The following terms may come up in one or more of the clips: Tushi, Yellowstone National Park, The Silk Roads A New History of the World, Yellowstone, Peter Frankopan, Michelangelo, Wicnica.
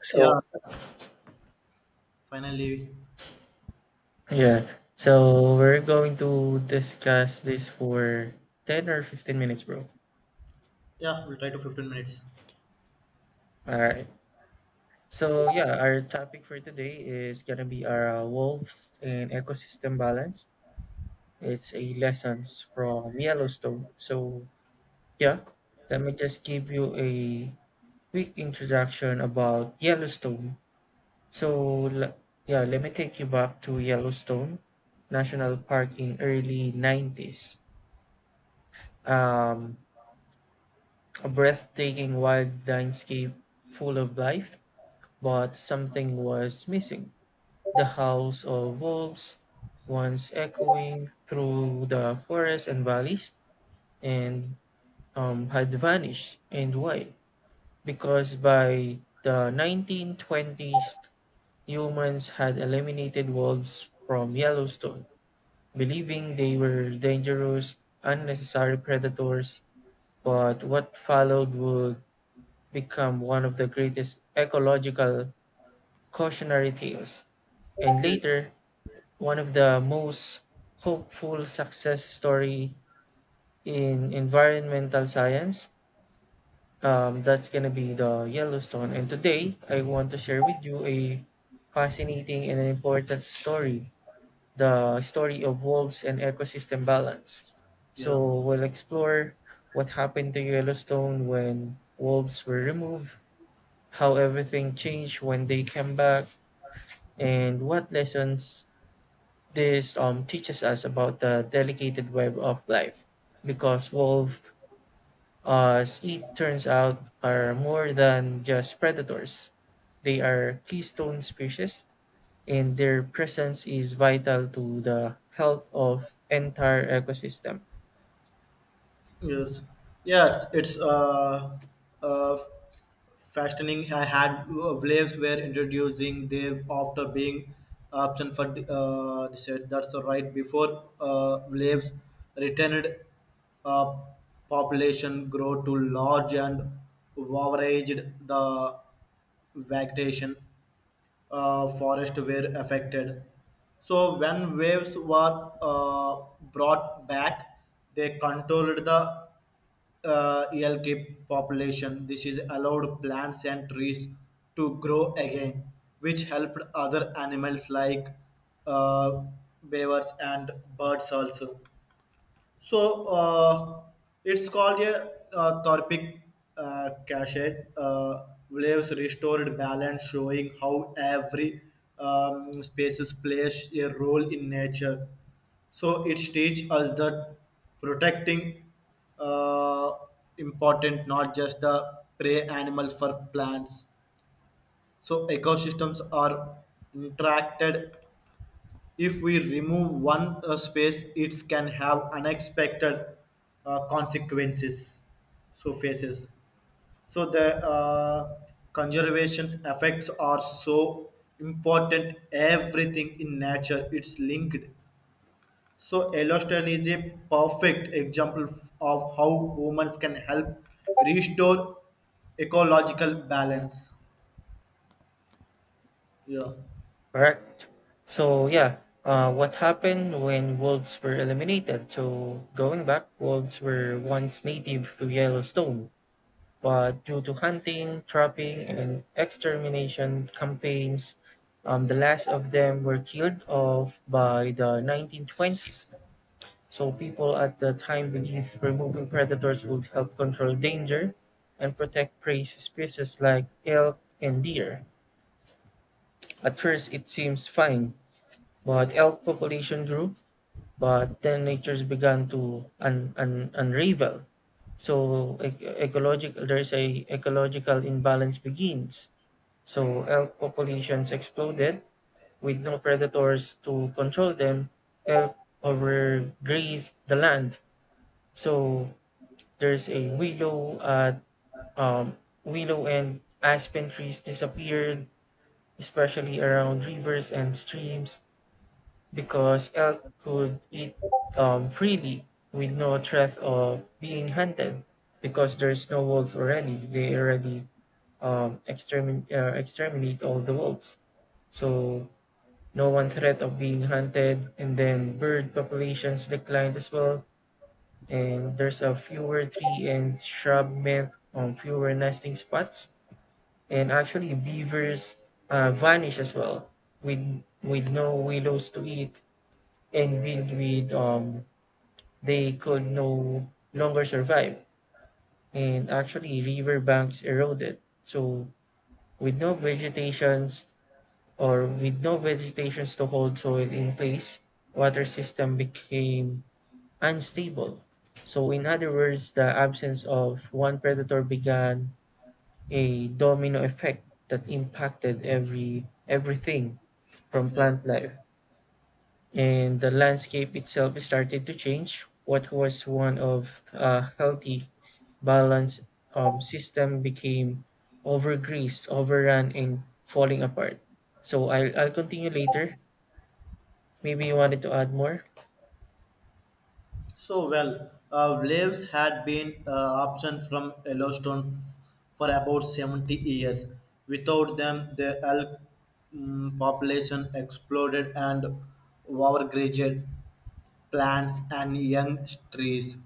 So, Yeah, finally. yeah. So we're going to discuss this for 10 or 15 minutes, bro. Yeah, we'll try to 15 minutes. All right. So, yeah, our topic for today is going to be our wolves and ecosystem balance. It's a lessons from Yellowstone. Yeah, let me just give you a quick introduction about Yellowstone. So, let me take you back to Yellowstone National Park in early 90s. Um, A breathtaking wild landscape full of life, but something was missing. The howls of wolves, once echoing through the forests and valleys, and had vanished. And why? Because by the 1920s, humans had eliminated wolves from Yellowstone, believing they were dangerous, unnecessary predators. But what followed would become one of the greatest ecological cautionary tales, and Yeah. later one of the most hopeful success story in environmental science. That's gonna be the Yellowstone. And today I want to share with you a fascinating and an important story, the story of wolves and ecosystem balance. Yeah. So we'll explore what happened to Yellowstone when wolves were removed, how everything changed when they came back, and what lessons this teaches us about the delicate web of life, because wolves, as it turns out, are more than just predators. They are keystone species, and their presence is vital to the health of entire ecosystem. Yes. Yeah, it's uh, fascinating. I had waves were introducing there after being absent for they said that's the right before waves returned, uh, population grow to large and overaged the vegetation, forests were affected. So when waves were brought back, they controlled the ELK population. This is allowed plants and trees to grow again, which helped other animals like uh, beavers and birds also. So it's called a Thorpic cachet. Waves restored balance, showing how every species plays a role in nature. So it teaches us that protecting uh, important not just the prey animals for plants. So ecosystems are interacted, if we remove one space it can have unexpected consequences, so faces, so the conservation effects are so important, everything in nature it's linked. So Yellowstone is a perfect example of how humans can help restore ecological balance. Yeah. Correct. So what happened when wolves were eliminated? So going back, wolves were once native to Yellowstone, but due to hunting, trapping, and extermination campaigns, the last of them were killed off by the 1920s. So people at the time believed removing predators would help control danger and protect prey species like elk and deer. At first, it seems fine but yes, elk population grew, but then natures began to unravel. So ecological, there's a ecological imbalance begins. So elk populations exploded. With no predators to control them, elk overgrazed the land. So there's a um, willow and aspen trees disappeared, especially around rivers and streams, because elk could eat freely with no threat of being hunted, because there's no wolf already. They already exterminate all the wolves. So no one threat of being hunted. And then bird populations declined as well. And there's a fewer tree and shrub meant fewer nesting spots. And actually beavers vanish as well, with no willows to eat, and with they could no longer survive. And actually river banks eroded. So with no vegetations with no vegetations to hold soil in place, water system became unstable. So in other words, the absence of one predator began a domino effect that impacted everything, from yes. plant life and the landscape itself started to change. What was one of a healthy, balanced system became overgreased, overrun, and falling apart. So I'll continue later. Maybe you wanted to add more? So well, Braves had been absent from Yellowstone for about 70 years. Without them, the elk population exploded and overgrazed plants and young trees.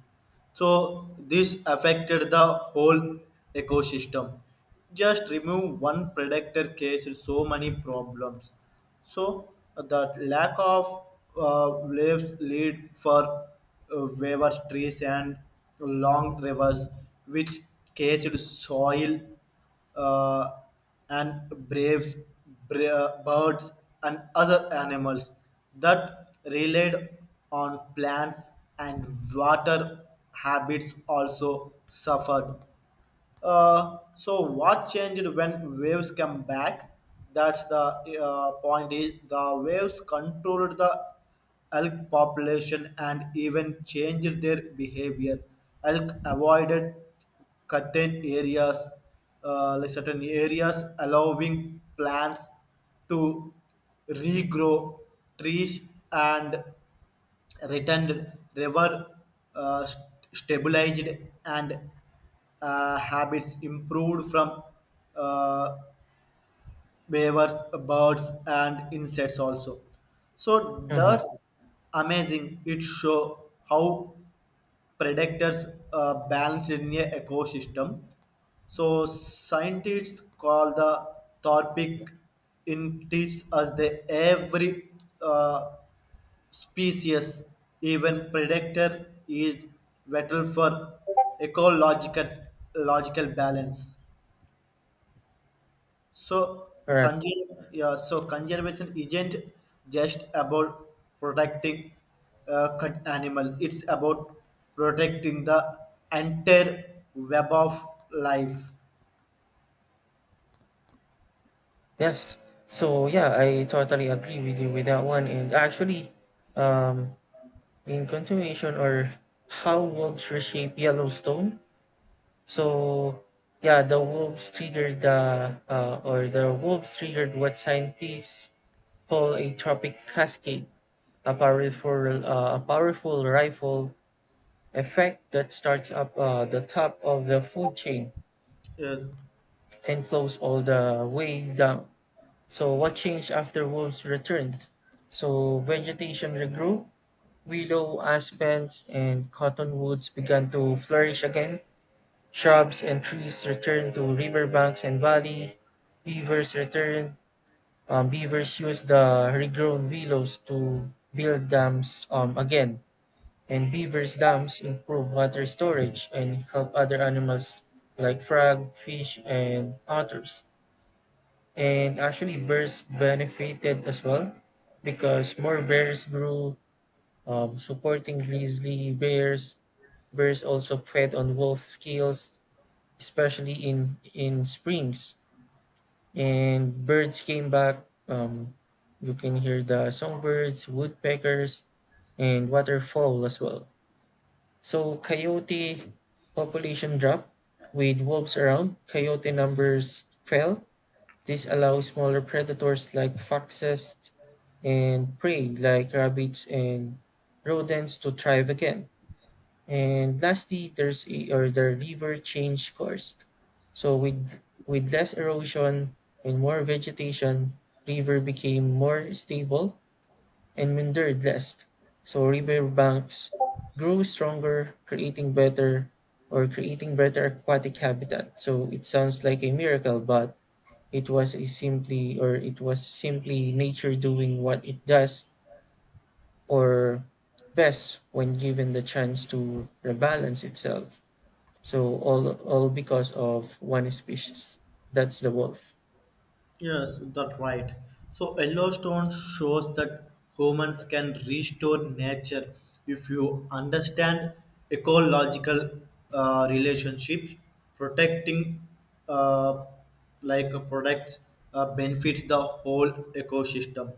So this affected the whole ecosystem. Just remove one predator case, so many problems. So that lack of waves lead for waiver trees and long rivers, which caged soil, uh, and braves, birds, and other animals that relied on plants and water habits also suffered. So what changed when waves come back? That's the point. Is the waves controlled the elk population and even changed their behavior. Elk avoided certain areas, certain areas, allowing plants to regrow, trees and returned river uh, st- stabilized, and habits improved from uh, beavers, birds and insects also. So Mm-hmm. that's amazing. It show how predators balance in a ecosystem. So scientists call the topic in teach us the every uh, species, even predator is vital for ecological logical balance. So, All right. so conservation isn't just about protecting cut animals; it's about protecting the entire web of life. Yes. So yeah, I totally agree with you with that one. And actually, um, in continuation or how wolves reshape Yellowstone, so yeah, the wolves triggered what scientists call a tropic cascade, a powerful rifle effect that starts up the top of the food chain Yes. and flows all the way down. So what changed after wolves returned? So vegetation regrew, willow, aspens, and cottonwoods began to flourish again. Shrubs and trees return to riverbanks and valley. Beavers return. Beavers use the regrown willows to build dams again. And beavers' dams improve water storage and help other animals like frog, fish, and otters. And actually, bears benefited as well because more bears grew, supporting grizzly bears. Bears also fed on wolf skills, especially in springs. And birds came back, you can hear the songbirds, woodpeckers, and waterfowl as well. So coyote population dropped. With wolves around, coyote numbers fell. This allows smaller predators like foxes, and prey like rabbits and rodents to thrive again. And lastly, there's a, or the river change course. So with less erosion and more vegetation, river became more stable and meandered less. So river banks grew stronger, creating better, aquatic habitat. So it sounds like a miracle, but it was simply nature doing what it does or best when given the chance to rebalance itself. So all because of one species. That's the wolf. Yes, that's right. So Yellowstone shows that humans can restore nature if you understand ecological relationships, protecting uh, products benefits the whole ecosystem.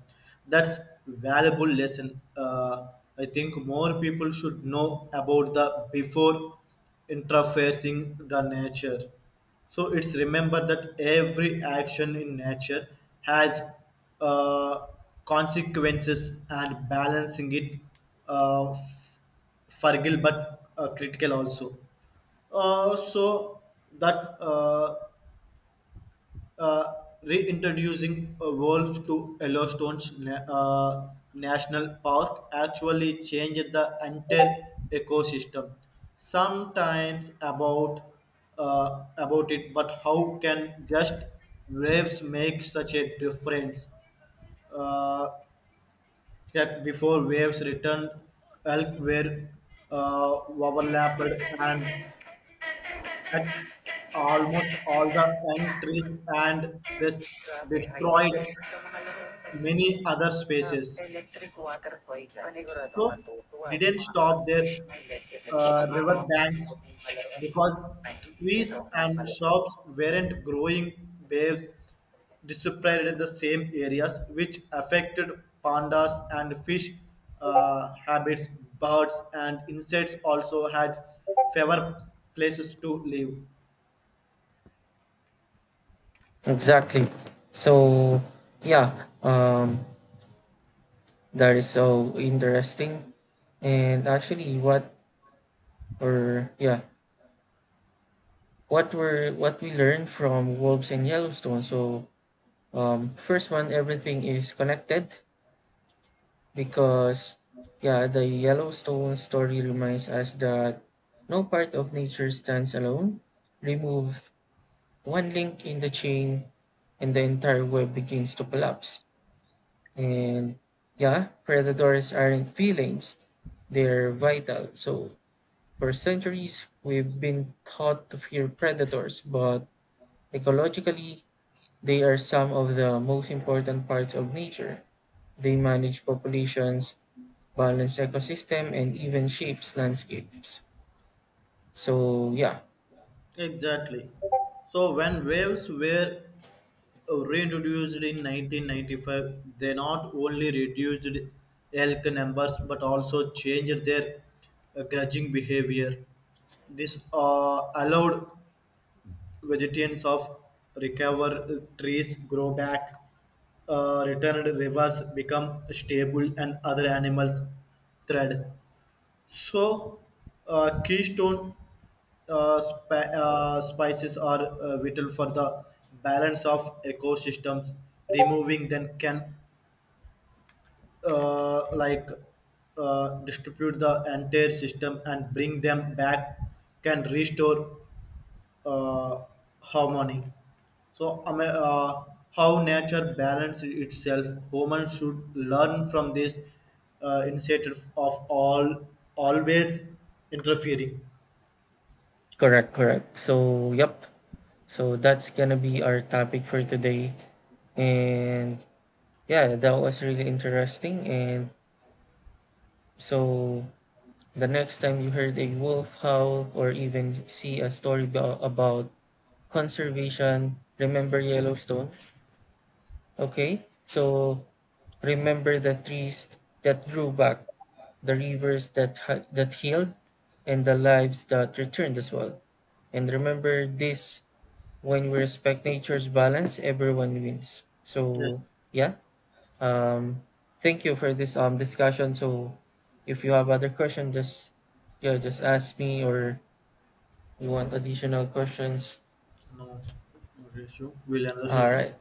That's valuable lesson. I think more people should know about the before interfacing the nature. So it's remember that every action in nature has uh, consequences, and balancing it uh, f- fragile but critical also. So that uh, uh, reintroducing wolves to Yellowstone's national park actually changed the entire ecosystem. Sometimes about, about it, but how can just waves make such a difference? Uh, that before waves returned, elk were overlapped and cut almost all the young trees, and this destroyed many other species. So didn't stop their river banks because trees and shops weren't growing, waves disappeared in the same areas, which affected pandas and fish habits, birds and insects also had fewer places to live. Exactly. So yeah, that is so interesting. And actually, or yeah, what were what we learned from wolves and Yellowstone? So first one, everything is connected, because yeah, the yellowstone story reminds us that no part of nature stands alone. Remove one link in the chain, and the entire web begins to collapse. And yeah, predators aren't feelings, they're vital. So for centuries we've been taught to fear predators, but ecologically they are some of the most important parts of nature. They manage populations, balance ecosystem, and even shapes landscapes. So yeah, Exactly. So when waves were reintroduced in 1995, they not only reduced elk numbers but also changed their grazing behavior. This allowed vegetarians of recover, trees, grow back, returned rivers become stable, and other animals thread. So, keystone spices are vital for the balance of ecosystems. Removing them can, uh, like distribute the entire system, and bring them back can restore uh, harmony. So how nature balances itself, humans should learn from this instead of all always interfering. correct, correct. So, yep. So that's gonna be our topic for today. And yeah, that was really interesting. And so the next time you heard a wolf howl or even see a story about conservation, remember Yellowstone. Okay, so remember the trees that grew back, the rivers that that healed, and the lives that returned as well. And remember this: when we respect nature's balance, everyone wins. Yes. So yeah, um, thank you for this discussion. So if you have other questions, just yeah, just ask me, or you want additional questions. No, no sé, yo, William 2 All session. right.